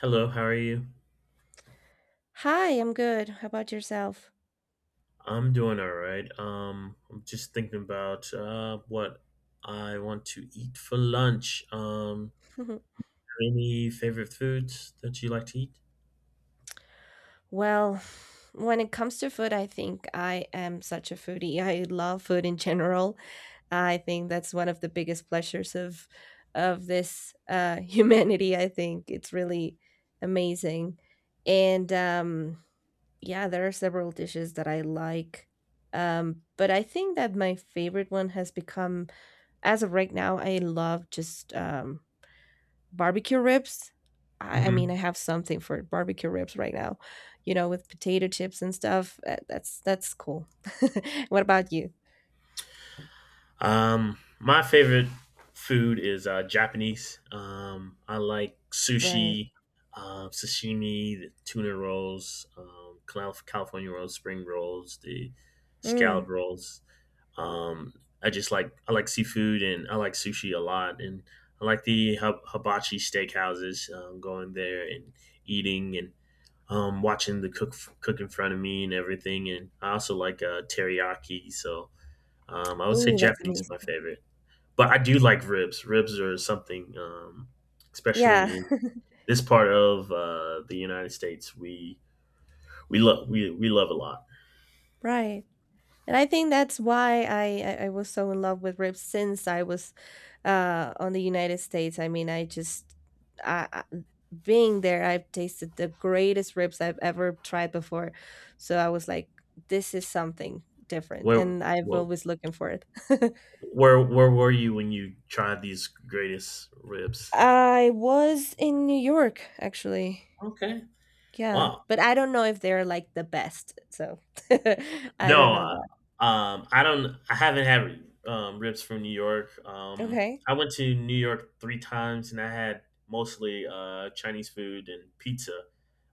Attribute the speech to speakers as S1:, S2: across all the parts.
S1: Hello, how are you?
S2: Hi, I'm good. How about yourself?
S1: I'm doing all right. I'm just thinking about what I want to eat for lunch. Any favorite foods that you like to eat?
S2: Well, when it comes to food, I think I am such a foodie. I love food in general. I think that's one of the biggest pleasures of this humanity. I think it's really amazing, and yeah, there are several dishes that I like. But I think that my favorite one has become, as of right now, I love just barbecue ribs. I mean, I have something for barbecue ribs right now, you know, with potato chips and stuff. That's cool. What about you?
S1: My favorite food is Japanese. I like
S2: Right.
S1: sushi, sashimi, the tuna rolls, California rolls, spring rolls, the scallop
S2: Mm.
S1: rolls. Um, I like seafood and I like sushi a lot, and I like the hibachi steakhouses. Going there and eating and watching the cook cook in front of me and everything. And I also like teriyaki, so I would say
S2: Oh, that's
S1: Japanese is my
S2: amazing.
S1: favorite, but I do like ribs. Ribs are something, especially
S2: Yeah,
S1: in this part of the United States, we love a lot.
S2: right. And I think that's why I was so in love with ribs since I was on the United States. I mean, I just I- being there, I've tasted the greatest ribs I've ever tried before. So I was like, this is something different,
S1: Where
S2: and I've
S1: where
S2: always looking for it.
S1: where were you when you tried these greatest ribs?
S2: I was in New York, actually.
S1: Okay,
S2: Yeah,
S1: wow.
S2: but I don't know if they're like the best, so I don't
S1: No,
S2: know that.
S1: I don't. I haven't had ribs from New York. Um,
S2: Okay.
S1: I went to New York three times, and I had mostly Chinese food and pizza,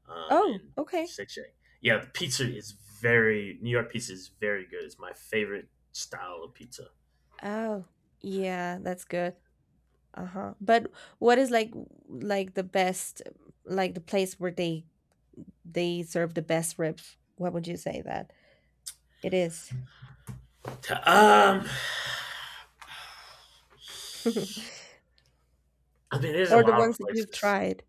S2: Oh,
S1: and
S2: okay.
S1: Shake Shack. Yeah, the pizza is very New York pizza is very good. It's my favorite style of pizza.
S2: Oh, yeah, that's good. Uh-huh. But what is like the best, like, the place where they serve the best ribs? What would you say that it is?
S1: Um, I mean, there's a
S2: Or the
S1: lot of
S2: ones that you've
S1: places.
S2: tried?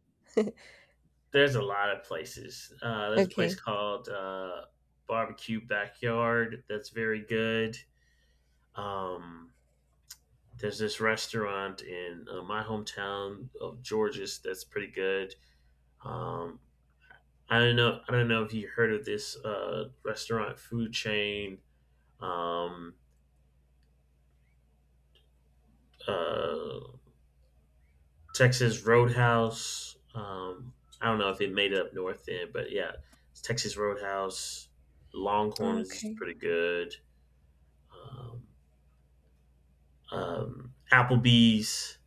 S1: There's a lot of places. There's a place
S2: Okay.
S1: called Barbecue Backyard that's very good. Um, there's this restaurant in my hometown of Georges that's pretty good. Um, I don't know. I don't know if you heard of this restaurant food chain, um, uh, Texas Roadhouse. I don't know if it made it up north then, but yeah, it's Texas Roadhouse. Longhorn is
S2: Okay.
S1: pretty good. Um, Applebee's,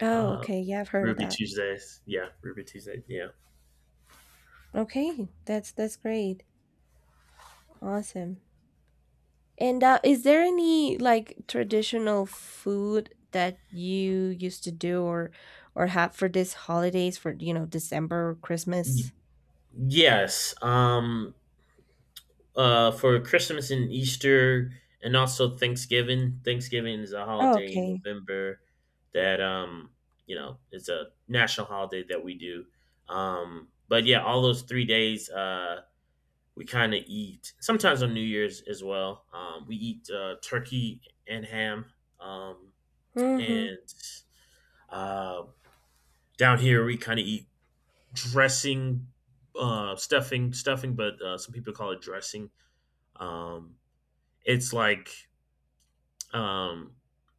S2: Oh,
S1: uh,
S2: okay. Yeah, I've heard of
S1: Ruby
S2: that.
S1: Tuesdays. Yeah, Ruby Tuesday. Yeah.
S2: Okay. That's great. Awesome. And is there any like traditional food that you used to do or have for these holidays, for you know December or Christmas?
S1: Yes. For Christmas and Easter, and also Thanksgiving. Thanksgiving is a
S2: Oh,
S1: holiday in
S2: okay.
S1: November that it's a national holiday that we do. But yeah, all those 3 days, we kind of eat. Sometimes on New Year's as well. We eat turkey and ham. Um.
S2: Mm-hmm.
S1: And uh, down here we kind of eat dressing, stuffing, but some people call it dressing. Um, it's like um,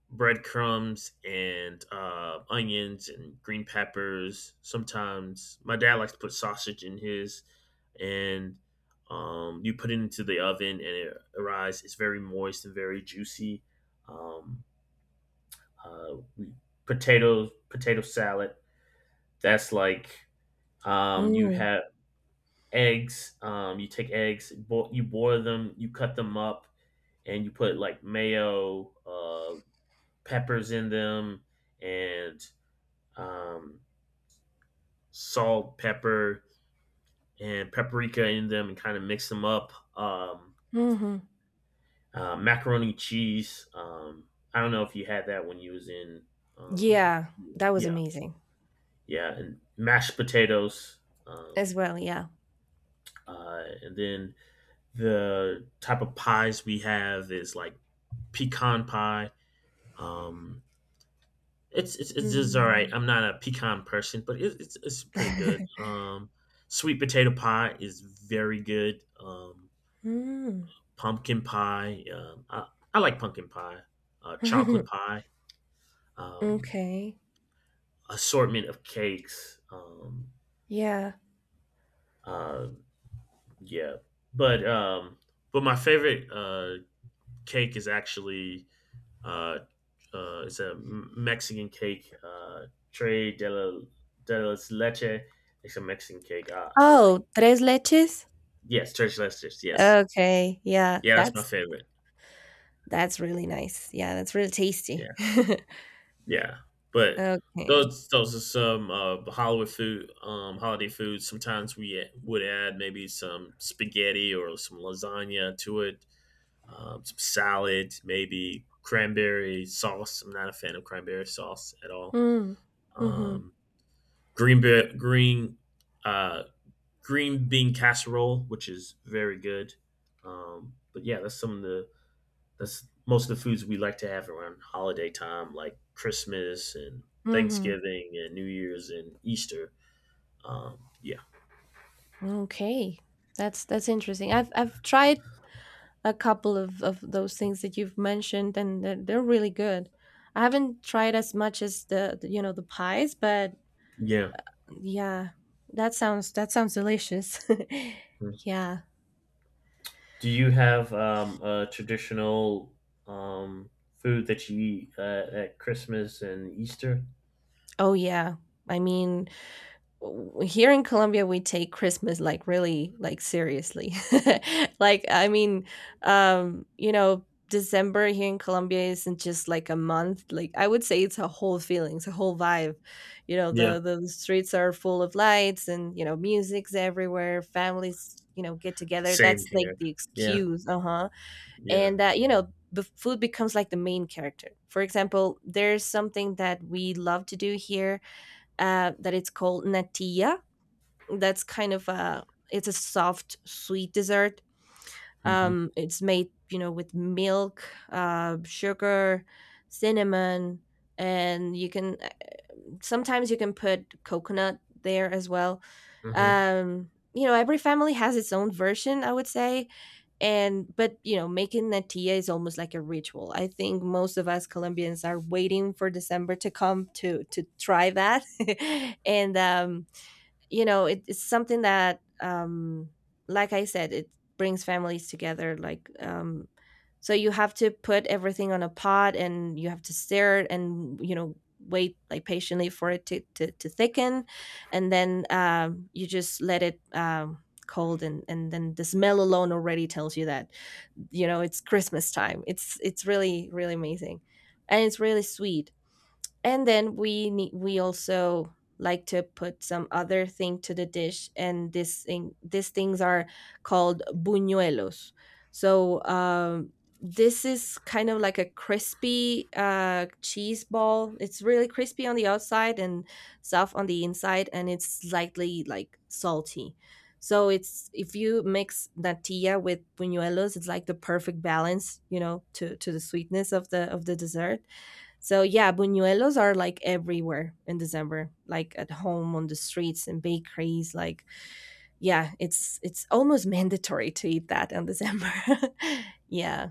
S1: breadcrumbs and onions and green peppers. Sometimes my dad likes to put sausage in his, and you put it into the oven and it arrives. It's very moist and very juicy. Um, uh, we, potatoes, potato salad. That's like you
S2: Mm.
S1: have eggs. You take eggs, you boil them, you cut them up, and you put like mayo, peppers in them, and um, salt, pepper, and paprika in them, and kind of mix them up.
S2: Hmm.
S1: Macaroni cheese. I don't know if you had that when you was in. Um,
S2: Yeah, that was
S1: yeah,
S2: amazing
S1: yeah, and mashed potatoes. Um,
S2: as well. Yeah.
S1: and then the type of pies we have is like pecan pie. Um, It's it's it's just all right.
S2: Mm.
S1: I'm not a pecan person, but it's pretty good. Sweet potato pie is very good. Um,
S2: Mm.
S1: pumpkin pie. I like pumpkin pie. Chocolate pie. Um,
S2: Okay.
S1: assortment of cakes.
S2: Yeah.
S1: Uh, yeah, but um, but my favorite cake is actually uh, it's a Mexican cake. Tres de, la, de las leche. It's a Mexican cake. I like.
S2: Oh, tres leches?
S1: Yes, Church Lesters. Yes,
S2: Okay. Yeah,
S1: yeah, that's my
S2: that's
S1: favorite.
S2: that's really nice. Yeah, that's really tasty.
S1: Yeah, yeah. But
S2: Okay.
S1: those are some holiday food. Sometimes we would add maybe some spaghetti or some lasagna to it. Some salad, maybe cranberry sauce. I'm not a fan of cranberry sauce at all.
S2: Mm. Mm-hmm.
S1: Um, green be- green uh, green bean casserole, which is very good. But yeah, that's some of the That's most of the foods we like to have around holiday time, like Christmas and
S2: Mhm.
S1: Thanksgiving and New Year's and Easter. Yeah,
S2: Okay. That's interesting. I've tried a couple of those things that you've mentioned, and they're really good. I haven't tried as much as the you know the pies, but
S1: yeah.
S2: yeah. That sounds delicious. Yeah.
S1: Do you have a traditional um, food that you eat at Christmas and Easter?
S2: Oh yeah. I mean, here in Colombia we take Christmas like really like seriously. Like I mean, you know, December here in Colombia isn't just like a month. Like I would say it's a whole feeling, it's a whole vibe. You know,
S1: Yeah,
S2: the streets are full of lights, and you know, music's everywhere, families, you know, get together.
S1: same
S2: That's like
S1: here.
S2: the
S1: Yeah,
S2: excuse, uh-huh.
S1: yeah.
S2: And that, you know, the food becomes like the main character. For example, there's something that we love to do here, that it's called natilla, that's kind of a it's a soft sweet dessert.
S1: hmm
S2: It's made, you know, with milk, sugar, cinnamon, and you can sometimes you can put coconut there as well.
S1: hmm
S2: You know, every family has its own version, I would say. And But you know, making natilla is almost like a ritual. I think most of us Colombians are waiting for December to come to try that. And you know, it's something that, like I said, it brings families together. Like, so you have to put everything on a pot, and you have to stir it, and you know, wait, like, patiently for it to to thicken. And then, you just let it, cold, and then the smell alone already tells you that, you know, it's Christmas time. It's really, really amazing, and it's really sweet. And then we also like to put some other thing to the dish, and this thing these things are called buñuelos. So, this is kind of like a crispy, cheese ball. It's really crispy on the outside and soft on the inside, and it's slightly like salty. So it's if you mix natilla with buñuelos, it's like the perfect balance, you know, to the sweetness of the dessert. So yeah, buñuelos are like everywhere in December, like at home, on the streets, and bakeries. Like, yeah, it's almost mandatory to eat that in December. Yeah.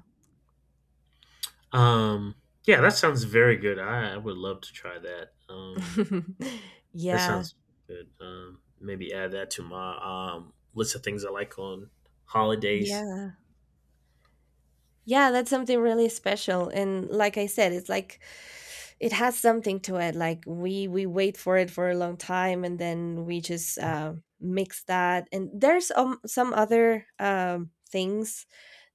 S1: Um, yeah, that sounds very good. I would love to try that. Um, That
S2: Yeah,
S1: sounds good. Maybe add that to my list of things I like on holidays.
S2: yeah, yeah. That's something really special, and like I said, it's like it has something to it. Like we wait for it for a long time, and then we just mix that. And there's some other things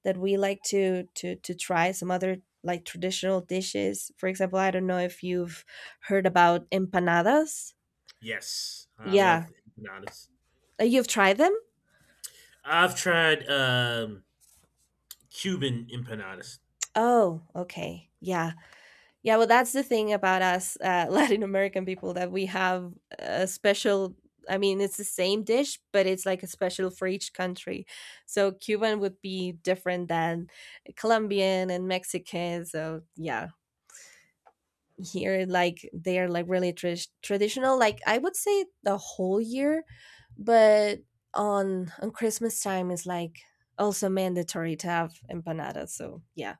S2: that we like to try, some other like traditional dishes. For example, I don't know if you've heard about empanadas.
S1: Yes, I
S2: Yeah.
S1: love empanadas.
S2: You've tried them?
S1: I've tried Cuban empanadas.
S2: Oh, okay. Yeah. Yeah, well, that's the thing about us, Latin American people, that we have a special, I mean, it's the same dish, but it's like a special for each country. So Cuban would be different than Colombian and Mexican. So yeah, here, like, they are like really tr traditional, like, I would say the whole year, but on Christmas time is like also mandatory to have empanadas, so yeah.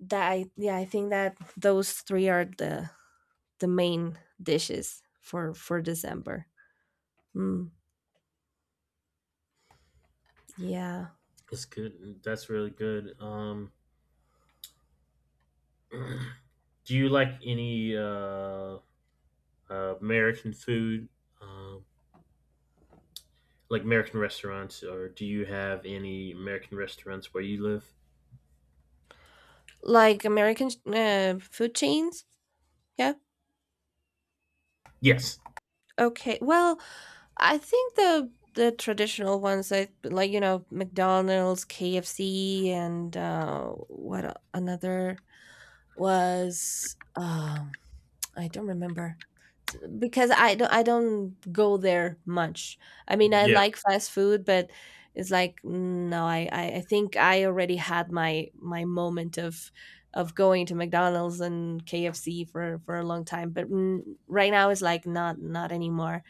S2: Yeah, I think that those three are the main dishes for December. Mm. Yeah.
S1: That's good. That's really good. Do you like any American food, um, like American restaurants, or do you have any American restaurants where you live?
S2: Like American food chains? Yeah.
S1: Yes.
S2: Okay, well, I think the traditional ones, I like, you know, McDonald's, KFC, and what another was, I don't remember. Because I don't go there much. I mean, I
S1: Yeah.
S2: like fast food, but it's like, no, I think I already had my moment of going to McDonald's and KFC for a long time, but right now it's like not anymore.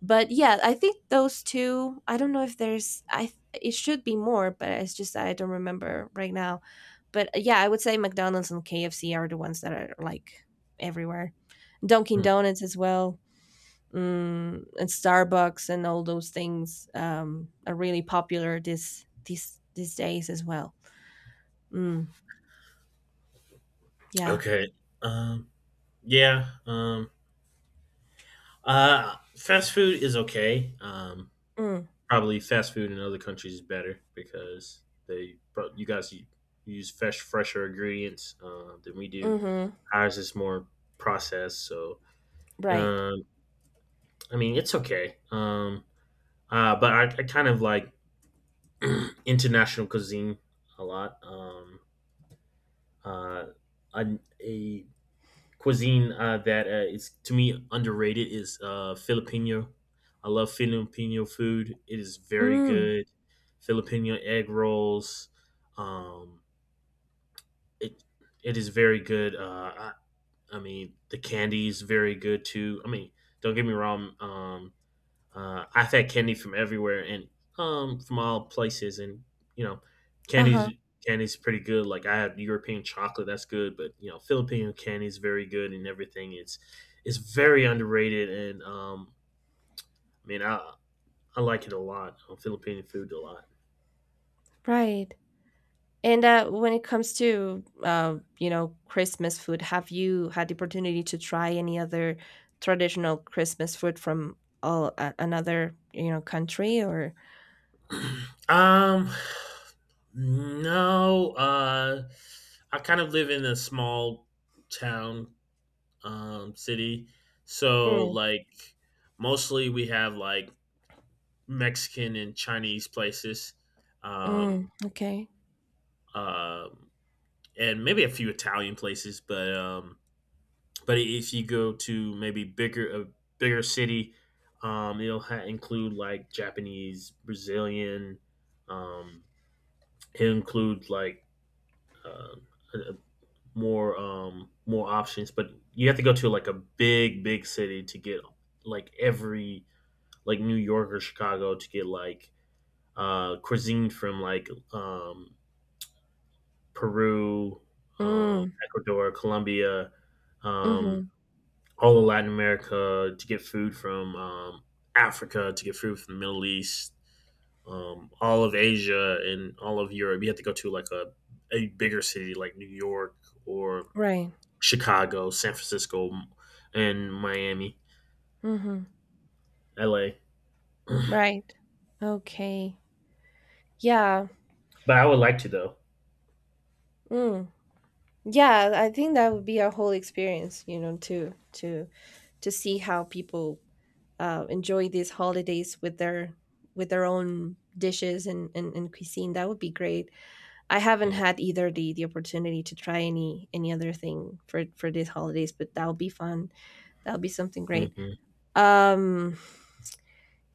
S2: But yeah, I think those two. I don't know if it should be more, but it's just I don't remember right now. But yeah, I would say McDonald's and KFC are the ones that are like everywhere. Dunkin
S1: Mm.
S2: Donuts as well. And Starbucks and all those things, are really popular this these days as well. Mm. Yeah.
S1: Okay. Um, yeah. Um, fast food is okay. Um,
S2: Mm.
S1: probably fast food in other countries is better because they but you guys use fresher ingredients than we do.
S2: Mm-hmm.
S1: Ours is more processed, so
S2: Right.
S1: um, I mean it's okay. But I kind of like international cuisine a lot. Uh, I, cuisine that is to me underrated is Filipino. I love Filipino food. It is very
S2: Mm.
S1: good. Filipino egg rolls. Um, it it is very good. I mean, the candy is very good too. I mean, don't get me wrong. I've had candy from everywhere and from all places, and you know,
S2: Uh-huh.
S1: candy's candy's pretty good. Like I have European chocolate, that's good, but you know, Filipino candy is very good and everything. It's very underrated, and I mean, I like it a lot. Filipino food a lot.
S2: Right. And when it comes to, you know, Christmas food, have you had the opportunity to try any other traditional Christmas food from another, you know, country, or?
S1: um, no, I kind of live in a small town, city, so
S2: Mm.
S1: like mostly we have like Mexican and Chinese places,
S2: Mm,
S1: um,
S2: okay.
S1: uh, and maybe a few Italian places. But if you go to maybe bigger city, it'll include like Japanese, Brazilian. Um, it'll include like uh, a- a- more more options, but you have to go to like a big city to get like every like New York or Chicago to get like cuisine from like Peru,
S2: Mm.
S1: Ecuador, Colombia, um,
S2: Mm-hmm.
S1: all of Latin America to get food from Africa, to get food from the Middle East, all of Asia, and all of Europe. You have to go to like a bigger city like New York or
S2: Right.
S1: Chicago, San Francisco, and Miami,
S2: Mm-hmm.
S1: LA.
S2: Right. Okay. Yeah.
S1: But I would like to though.
S2: Mm. Yeah, I think that would be a whole experience, you know, to see how people enjoy these holidays with their own dishes, and cuisine. That would be great. I haven't
S1: Yeah.
S2: had either the opportunity to try any other thing for these holidays, but that'll be fun. That'll be something great.
S1: hmm
S2: um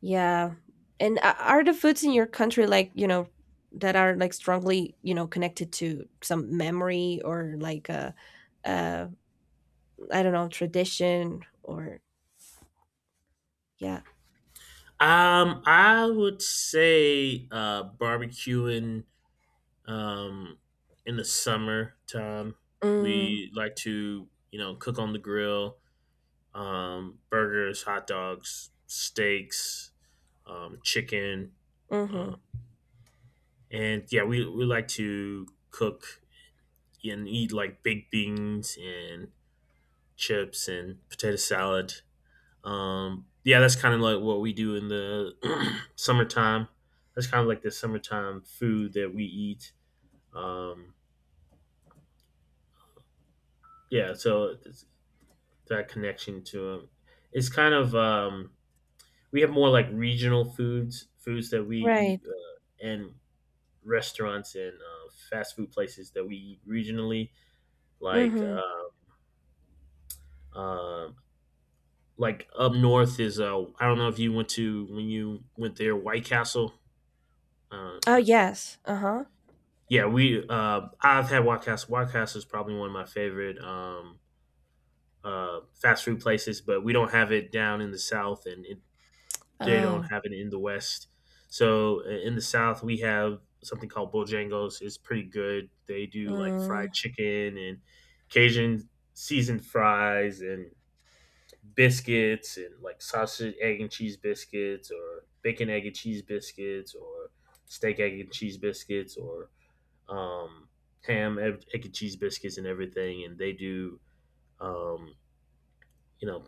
S2: yeah. And are the foods in your country, like, you know, that are like strongly, you know, connected to some memory, or like, I a uh, I don't know, tradition, or yeah?
S1: I would say barbecuing Um, in the summertime,
S2: Mm.
S1: we like to, cook on the grill, burgers, hot dogs, steaks, chicken.
S2: Mm-hmm.
S1: Um, and yeah, we like to cook and eat like baked beans and chips and potato salad. Yeah, that's kind of like what we do in the summertime. That's kind of like the summertime food that we eat. Um, yeah, so that connection to them. It's kind of, we have more like regional foods, foods that we eat,
S2: Right.
S1: and restaurants and fast food places that we eat regionally. Like
S2: Mm-hmm.
S1: uh, uh, like up north is I don't know if you went to when you went there White Castle. Uh,
S2: Oh,
S1: uh,
S2: yes. Uh-huh.
S1: yeah, we I've had White Castle. White Castle is probably one of my favorite fast food places, but we don't have it down in the south, and it they don't
S2: Oh.
S1: have it in the West. So in the South, we have something called Bojangles. It's pretty good. They do like
S2: Mm.
S1: fried chicken and Cajun seasoned fries and biscuits and like sausage, egg, and cheese biscuits or bacon, egg, and cheese biscuits or steak, egg, and cheese biscuits or um, ham, egg, and cheese biscuits and everything. And they do, um, you know,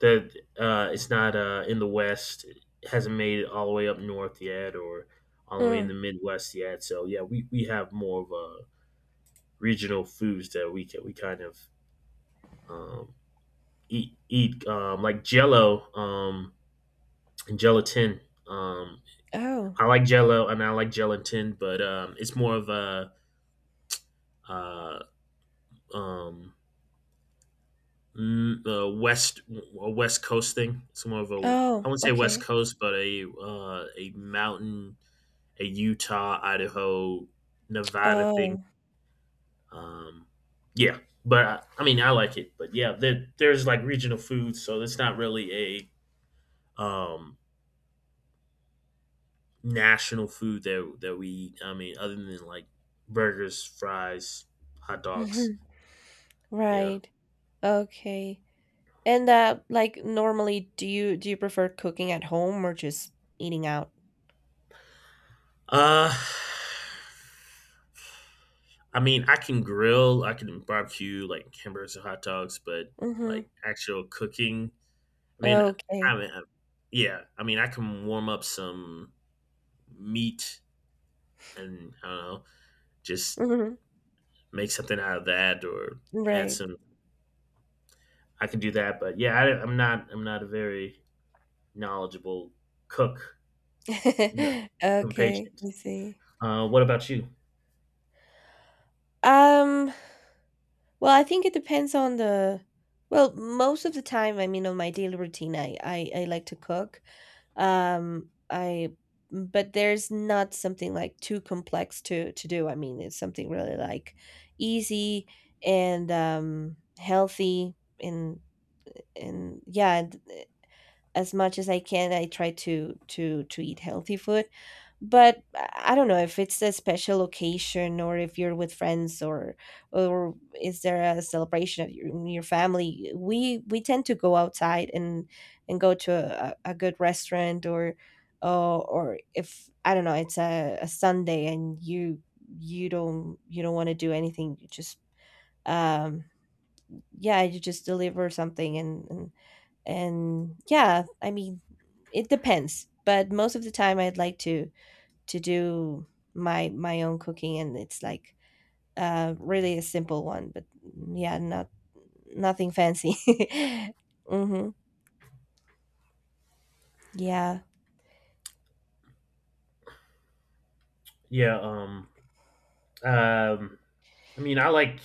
S1: that it's not in the West, it hasn't made it all the way up north yet, or all the way in
S2: Mm.
S1: the Midwest yet. So yeah, we have more of regional foods that we can we kind of um, eat like Jello and gelatin. Um,
S2: Oh.
S1: I like Jello and I like gelatin, but it's more of a uh, um, West a West Coast thing. It's more of a.
S2: Oh,
S1: I wouldn't say West
S2: okay.
S1: Coast, but a Utah, Idaho, Nevada thing.
S2: Oh.
S1: Um, yeah, but I mean, I like it. But yeah, there's like regional foods, so it's not really a national food that we eat. I mean, other than like burgers, fries, hot dogs. Yeah.
S2: Right. Okay. And, like, normally, do you prefer cooking at home, or just eating out?
S1: Uh, I mean, I can grill, I can barbecue like hamburgers and hot dogs, but
S2: Mhm.
S1: like actual cooking. I mean,
S2: Okay.
S1: yeah. I mean, I can warm up some meat and I don't know, just
S2: Mhm.
S1: make something out of that or add
S2: Right.
S1: some. I can do that, but yeah, am not. I'm not a very knowledgeable cook. No, I'm
S2: Okay,
S1: patient.
S2: I see.
S1: What about you?
S2: Um, well, I think it depends on the well, most of the time, I mean, on my daily routine, I like to cook. I But there's not something like too complex to do. I mean, it's something really like easy, and healthy, and and yeah, as much as I can. I try to eat healthy food, but I don't know if it's a special occasion, or if you're with friends, or is there a celebration of in your family. We tend to go outside and go to a good restaurant, or. Or if, I don't know, it's a Sunday, and you don't want to do anything, you just, um yeah, you just deliver something, and yeah, I mean, it depends, but most of the time I'd like to do my own cooking, and it's like, really a simple one, but yeah, nothing fancy. Mm-hmm. Yeah.
S1: Yeah. Um. I mean,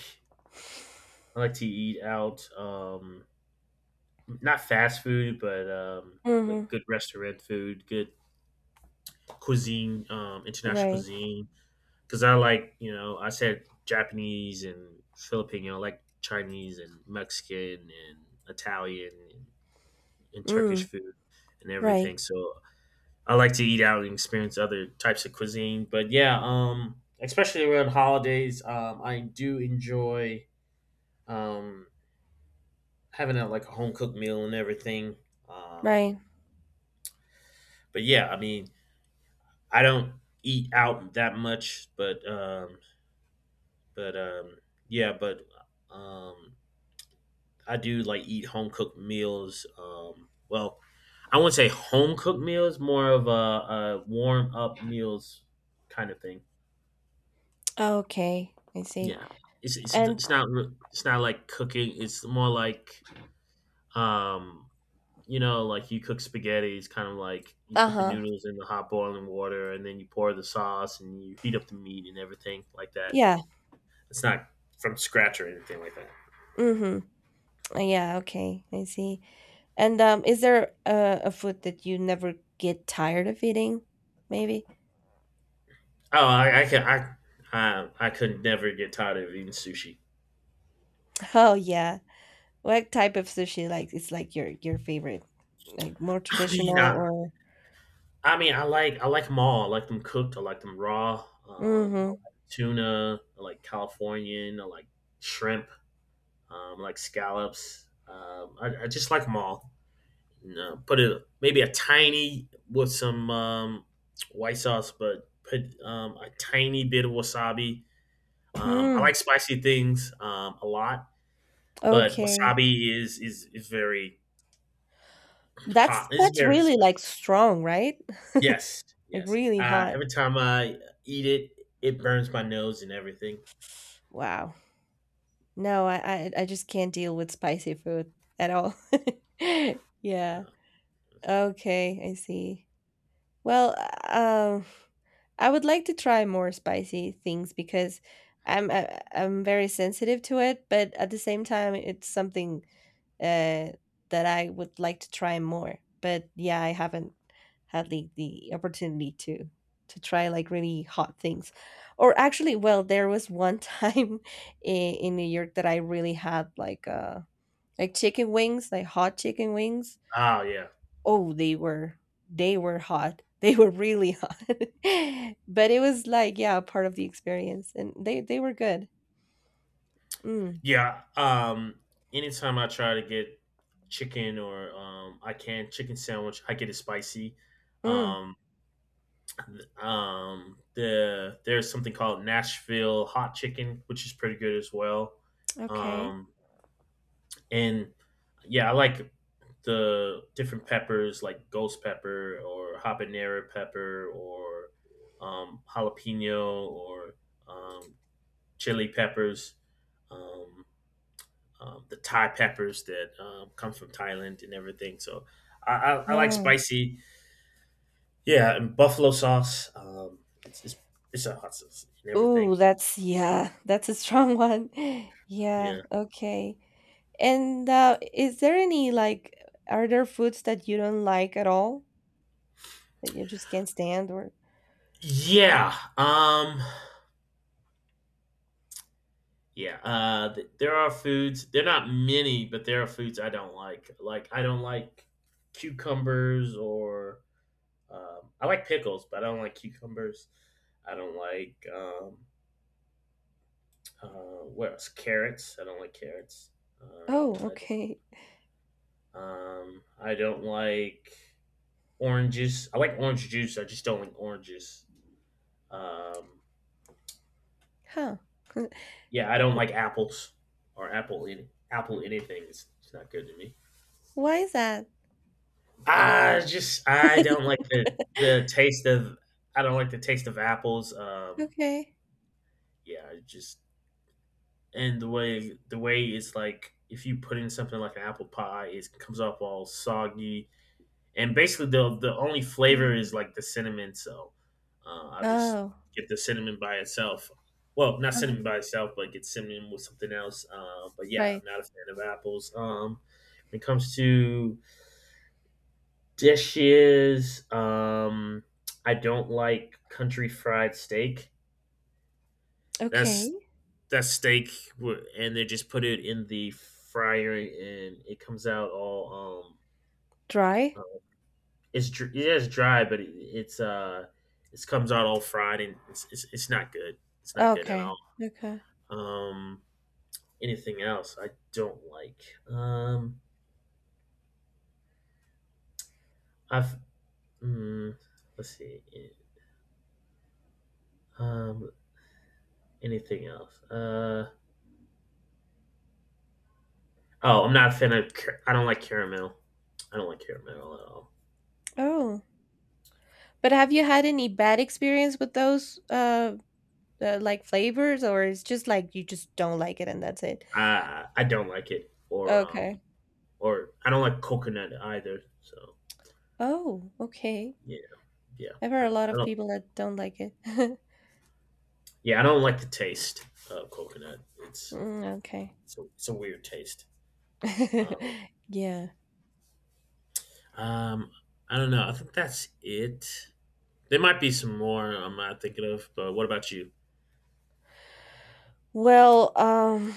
S1: I like to eat out. Not fast food, but like
S2: Mm-hmm.
S1: good restaurant food, good cuisine, international
S2: Right.
S1: cuisine. Because I like I said Japanese and Filipino, I like Chinese and Mexican and Italian and Turkish
S2: Mm.
S1: food and
S2: Right.
S1: everything. So I like to eat out and experience other types of cuisine. But yeah, especially around holidays, I do enjoy um, having a, like a home cooked meal and everything. Um,
S2: Right.
S1: but yeah, I mean, I don't eat out that much, but um, yeah, but um, I do like eat home cooked meals. Well, I wouldn't say home cooked meals, more of a warm up meals kind of thing.
S2: Okay, I see.
S1: Yeah, it's it's
S2: And
S1: it's not re- it's not like cooking. It's more like um, you know, like you cook spaghetti. It's kind of like you put the
S2: uh-huh.
S1: noodles in the hot boiling water, and then you pour the sauce, and you heat up the meat and everything like that.
S2: Yeah.
S1: It's not from scratch or anything like that.
S2: Mm-hmm. Yeah, okay, I see. And, is there a food that you never get tired of eating, maybe?
S1: Oh, I can I. I could never get tired of eating sushi.
S2: Oh yeah. What type of sushi, like, it's like your favorite? Like more
S1: I mean,
S2: traditional,
S1: I,
S2: or?
S1: I mean, I like them all. I like them cooked. I like them raw. I
S2: Mm-hmm.
S1: like tuna. I like Californian. I like shrimp. I like scallops. Um, I just like them all. No, put it maybe a tiny with some white sauce, but put a tiny bit of wasabi. I
S2: Mm.
S1: like spicy things a lot, but
S2: Okay.
S1: wasabi is very hot.
S2: That's
S1: It's
S2: that's
S1: very
S2: really
S1: spicy.
S2: like strong, right?
S1: Yes,
S2: Like
S1: yes.
S2: really hot.
S1: Every time I eat it, it burns my nose and everything.
S2: Wow. No, I just can't deal with spicy food at all. Yeah.
S1: Uh,
S2: Okay, I see. Well, I would like to try more spicy things, because I'm very sensitive to it, but at the same time, it's something, uh, that I would like to try more. But yeah, I haven't had the opportunity to try, like, really hot things. Or actually, well, there was one time in New York that I really had like chicken wings, like hot chicken wings.
S1: Oh yeah,
S2: Oh, they were hot. They were really hot. But it was like, yeah, part of the experience and they were good. Mm.
S1: yeah. Anytime I try to get chicken or I can chicken sandwich, I get it spicy.
S2: Mm.
S1: Um, there's something called Nashville hot chicken, which is pretty good as well.
S2: Okay.
S1: Um, And yeah, I like the different peppers like ghost pepper or habanero pepper or jalapeno or um, chili peppers, um, the Thai peppers that come from Thailand and everything. So I like spicy. Yeah, and buffalo sauce. It's a hot sauce and everything.
S2: Ooh, that's, yeah, that's a strong one. Yeah,
S1: Yeah.
S2: okay. And is there any like, are there foods that you don't like at all that you just can't stand or?
S1: Yeah. Yeah, there are foods. They're not many, but there are foods I don't like. Like I don't like cucumbers or I like pickles, but I don't like cucumbers. I don't like what else? Carrots. I don't like carrots. Um,
S2: Oh, okay.
S1: I don't like oranges. I like orange juice. I just don't like oranges. Um,
S2: Huh.
S1: yeah, I don't like apples or apple any apple anything. It's not good to me.
S2: Why is that?
S1: I just I don't like the taste of I don't like the taste of apples.
S2: Okay.
S1: Yeah, it just and the way it's like if you put in something like an apple pie, it comes off all soggy and basically the only flavor is
S2: Um,
S1: like the cinnamon. So I'll just
S2: oh,
S1: get the cinnamon by itself. Well, not cinnamon
S2: uh-huh.
S1: by itself, but get cinnamon with something else. But yeah, I'm
S2: Right.
S1: not a fan of apples. When it comes to dishes, I don't like country fried steak.
S2: Okay.
S1: That's that's steak, and they just put it in the fryer, and it comes out all
S2: Dry?
S1: yeah, it's dry, but it comes out all fried, and it's not good. It's not good at
S2: Okay.
S1: all.
S2: Okay.
S1: Um, anything else I don't like. Um, I've mm, let's see. Um, anything else? Oh, I'm not a fan of. Car- I don't like caramel. I don't like caramel at all.
S2: Oh, but have you had any bad experience with those like, flavors or it's just like you just don't like it and that's it?
S1: I don't like it,
S2: Okay.
S1: or I don't like coconut either. So
S2: Oh, okay.
S1: yeah, yeah,
S2: I've heard a lot
S1: I
S2: of
S1: don't.
S2: people that don't like it.
S1: Yeah, I don't like the taste of coconut.
S2: Mm, okay.
S1: It's a weird taste. Um,
S2: Yeah.
S1: um, I don't know. I think that's it. There might be some more I'm not thinking of, but what about you?
S2: Well,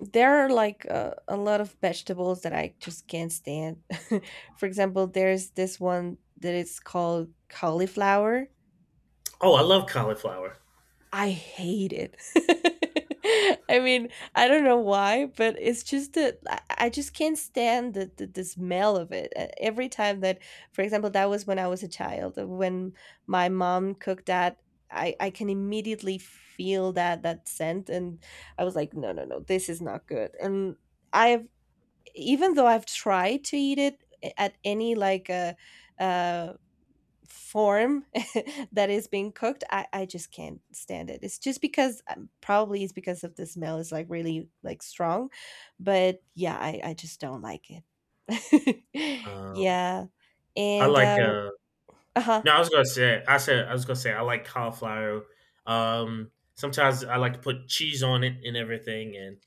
S2: there are like, a lot of vegetables that I just can't stand. For example, there's this one that is called cauliflower.
S1: Oh, I love cauliflower.
S2: I hate it. I mean, I don't know why, but it's just that I just can't stand the smell of it. Every time that, for example, that was when I was a child. When my mom cooked that, I can immediately feel that scent, and I was like, no, no, no, this is not good. And I've even though I've tried to eat it at any, like, a uh, form that is being cooked, I just can't stand it. It's just because, probably it's because of the smell is like really, like, strong, but yeah, I just don't like it.
S1: Uh,
S2: Yeah.
S1: I
S2: And
S1: like
S2: uh-huh.
S1: No, I was gonna say. I said I was gonna say I like cauliflower. Sometimes I like to put cheese on it and everything, and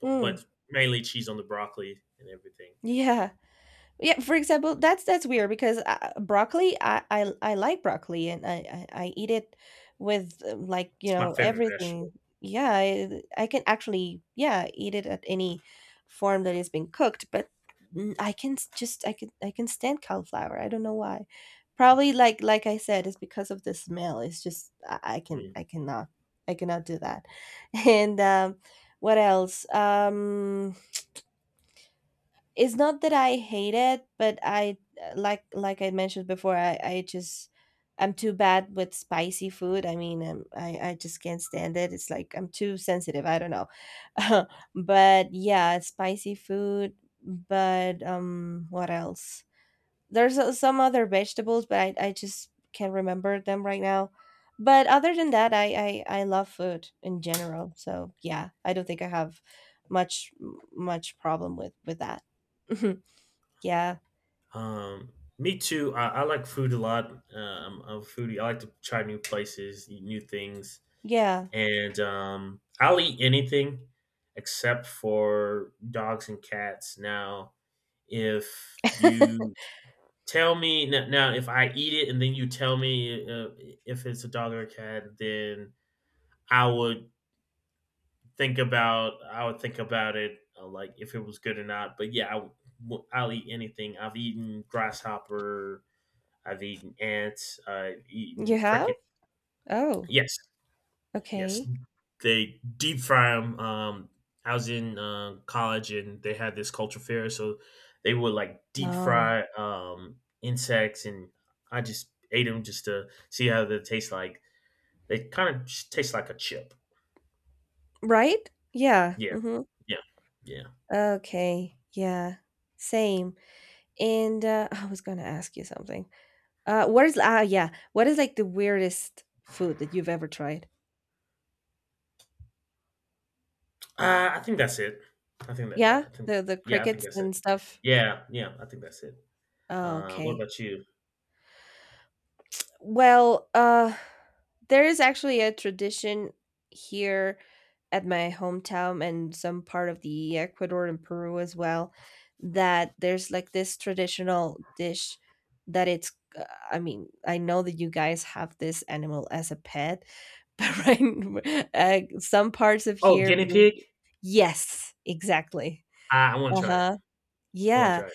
S1: but
S2: Mm,
S1: but mainly cheese on the broccoli and everything.
S2: yeah. Yeah, for example, that's weird because, broccoli, I like broccoli and I eat it with, like,
S1: It's my favorite vegetable.
S2: everything. Yeah, I can actually, yeah, eat it at any form that is being cooked, but just, I can stand cauliflower. I don't know why. Probably, like I said, it's because of the smell. It's just I, I can
S1: Mhm.
S2: I cannot I cannot do that. And, what else? It's not that I hate it, but I like I mentioned before, I'm too bad with spicy food. I mean, I just can't stand it. It's like I'm too sensitive. I don't know, but yeah, spicy food. But, what else? There's, some other vegetables, but I just can't remember them right now. But other than that, I love food in general. So yeah, I don't think I have much much problem with that. Yeah,
S1: Um, me too. I like food a lot. I'm a foodie. I like to try new places, eat new things,
S2: yeah.
S1: and I'll eat anything except for dogs and cats. Now, if you Tell me now, now if I eat it and then you tell me if it's a dog or a cat, then I would think about I would think about it like if it was good or not. But yeah, I'll eat anything. I've eaten grasshopper. I've eaten ants. I've
S2: You
S1: eaten
S2: have?
S1: cricket.
S2: Oh,
S1: Yes. Yes,
S2: okay.
S1: they deep fry them. I was in college and they had this culture fair, so they would like deep
S2: Oh,
S1: fry insects, and I just ate them just to see how they taste like. They kind of taste like a chip.
S2: right? Yeah.
S1: Yeah,
S2: Hmm.
S1: yeah, yeah. So,
S2: Okay. Yeah. Same. And I was gonna ask you something. What is ah yeah? What is, like, the weirdest food that you've ever tried?
S1: I think that's it.
S2: Yeah?
S1: I think
S2: The
S1: yeah, I think
S2: crickets
S1: that's it.
S2: and stuff?
S1: Yeah, yeah, I think that's it.
S2: Oh,
S1: What
S2: okay.
S1: about you?
S2: Well, there is actually a tradition here at my hometown and some part of the Ecuador and Peru as well that there's like this traditional dish that it's, I mean, I know that you guys have this animal as a pet, but right, some parts of
S1: Oh,
S2: here
S1: guinea
S2: will.
S1: pig.
S2: Yes, exactly.
S1: I want to try it.
S2: Uh-huh.
S1: I want to
S2: Yeah.
S1: try it.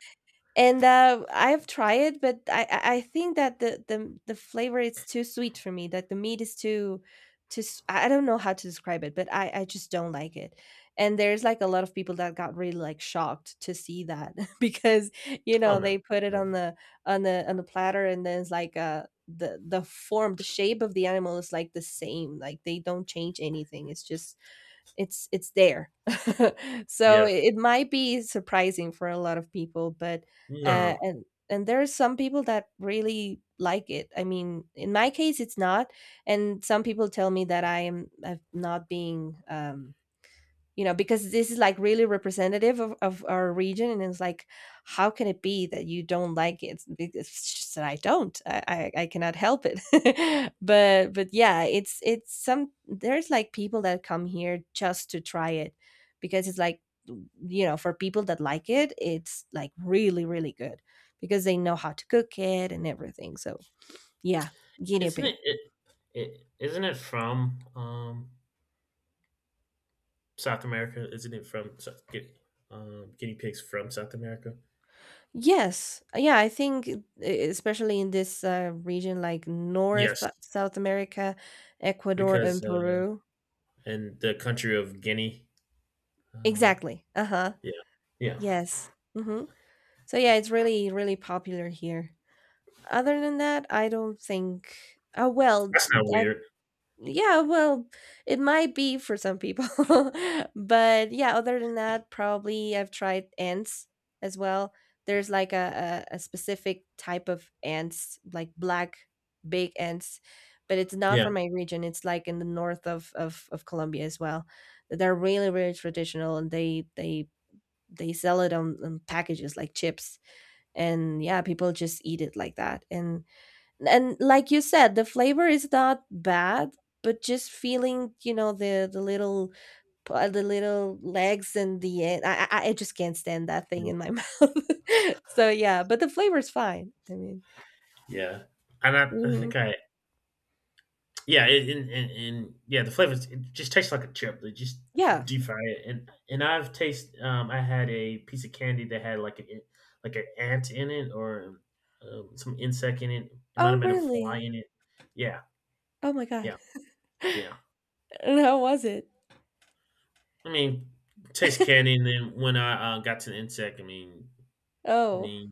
S2: And I've tried it, but I think that the flavor is too sweet for me. That the meat is too. I don't know how to describe it, but I just don't like it. And there's like a lot of people that got really, like, shocked to see that because, you
S1: Oh
S2: know,
S1: no,
S2: they put it
S1: no.
S2: on the, on the platter, and then it's like, the shape of the animal is like the same, like they don't change anything, it's just, it's there. So
S1: Yeah,
S2: it might be surprising for a lot of people, but
S1: no.
S2: and there are some people that really like it. I mean, in my case, it's not, and some people tell me that I am, I not being, you know, because this is like really representative of our region, and it's like, how can it be that you don't like it. It's just that I don't I cannot help it. But, yeah, it's some there's like people that come here just to try it because it's like, for people that like it, it's like really, really good because they know how to cook it and everything. So yeah, guinea
S1: Isn't
S2: pig.
S1: it, it, isn't it from South America? Isn't it from Sou- gu- guinea pigs from South America?
S2: Yes. Yeah, I think especially in this, region like North
S1: Yes,
S2: South America, Ecuador
S1: because
S2: and Peru.
S1: in the country of Guinea, uh,
S2: Exactly. Uh-huh.
S1: yeah, yeah,
S2: Yes. Mm-hmm. So yeah, it's really, really popular here. Other than that, I don't think. Oh, well,
S1: that's not weird.
S2: yeah, well, it might be for some people. But yeah, other than that, probably I've tried ants as well. There's like a specific type of ants, like black big ants, but it's not
S1: Yeah,
S2: from my region. It's like in the north of Colombia as well. They're really, really traditional, and they sell it on packages like chips. And yeah, people just eat it like that. And, like you said, the flavor is not bad, but just feeling, the little legs and the end, I just can't stand that thing in my mouth. So yeah, but the flavor's fine, I mean.
S1: yeah, and I
S2: Mhm.
S1: think I yeah, it, and yeah, the flavors it just tastes like a chip. They just
S2: Yeah.
S1: deep fry it, and I've tasted. I had a piece of candy that had like a like an ant in it or some insect in it. It might
S2: Oh,
S1: have been a fly
S2: really?
S1: in it. Yeah,
S2: Oh my god.
S1: yeah, yeah.
S2: And how was it?
S1: I mean, taste candy, and then when I got to the insect, I
S2: Oh.
S1: mean,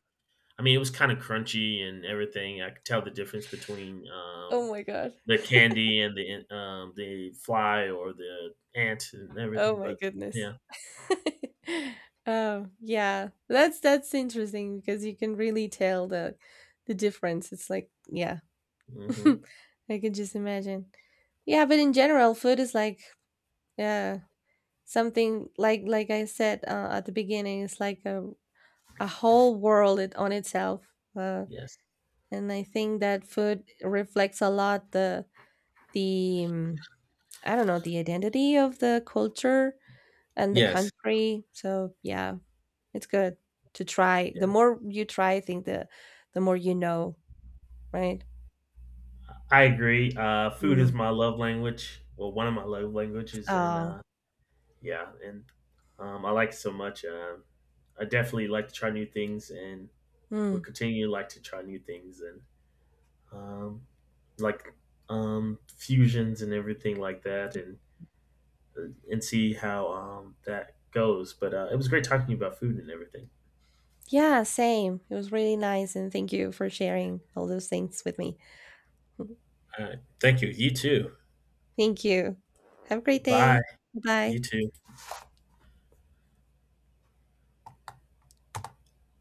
S1: I mean, it was kind of crunchy and everything. I could tell the difference between
S2: Oh my god.
S1: the candy and the fly or the ant and
S2: Oh
S1: everything,
S2: my
S1: but
S2: goodness.
S1: yeah.
S2: Oh yeah, that's interesting because you can really tell the difference, it's like, yeah.
S1: Hmm.
S2: I can just imagine. Yeah, but in general, food is like, yeah, something like I said, at the beginning, it's like a whole world it, on itself.
S1: Yes.
S2: And I think that food reflects a lot, the I don't know, the identity of the culture and the
S1: Yes.
S2: country. So yeah, it's good to try. The
S1: Yeah.
S2: more you try, I think, the more you know, right?
S1: I agree. Food is
S2: Mm.
S1: my love language. Well, one of my love languages, and
S2: Oh.
S1: yeah, and I like it so much. I definitely like to try new things, and will
S2: Mm.
S1: continue to like to try new things, and um, like fusions and everything like that, and see how that goes. But it was great talking to you about food and everything.
S2: Yeah, same. It was really nice, and thank you for sharing all those things with me.
S1: All right. Thank you. You too.
S2: Thank you. Have a great
S1: Bye.
S2: day.
S1: You
S2: Bye.
S1: too.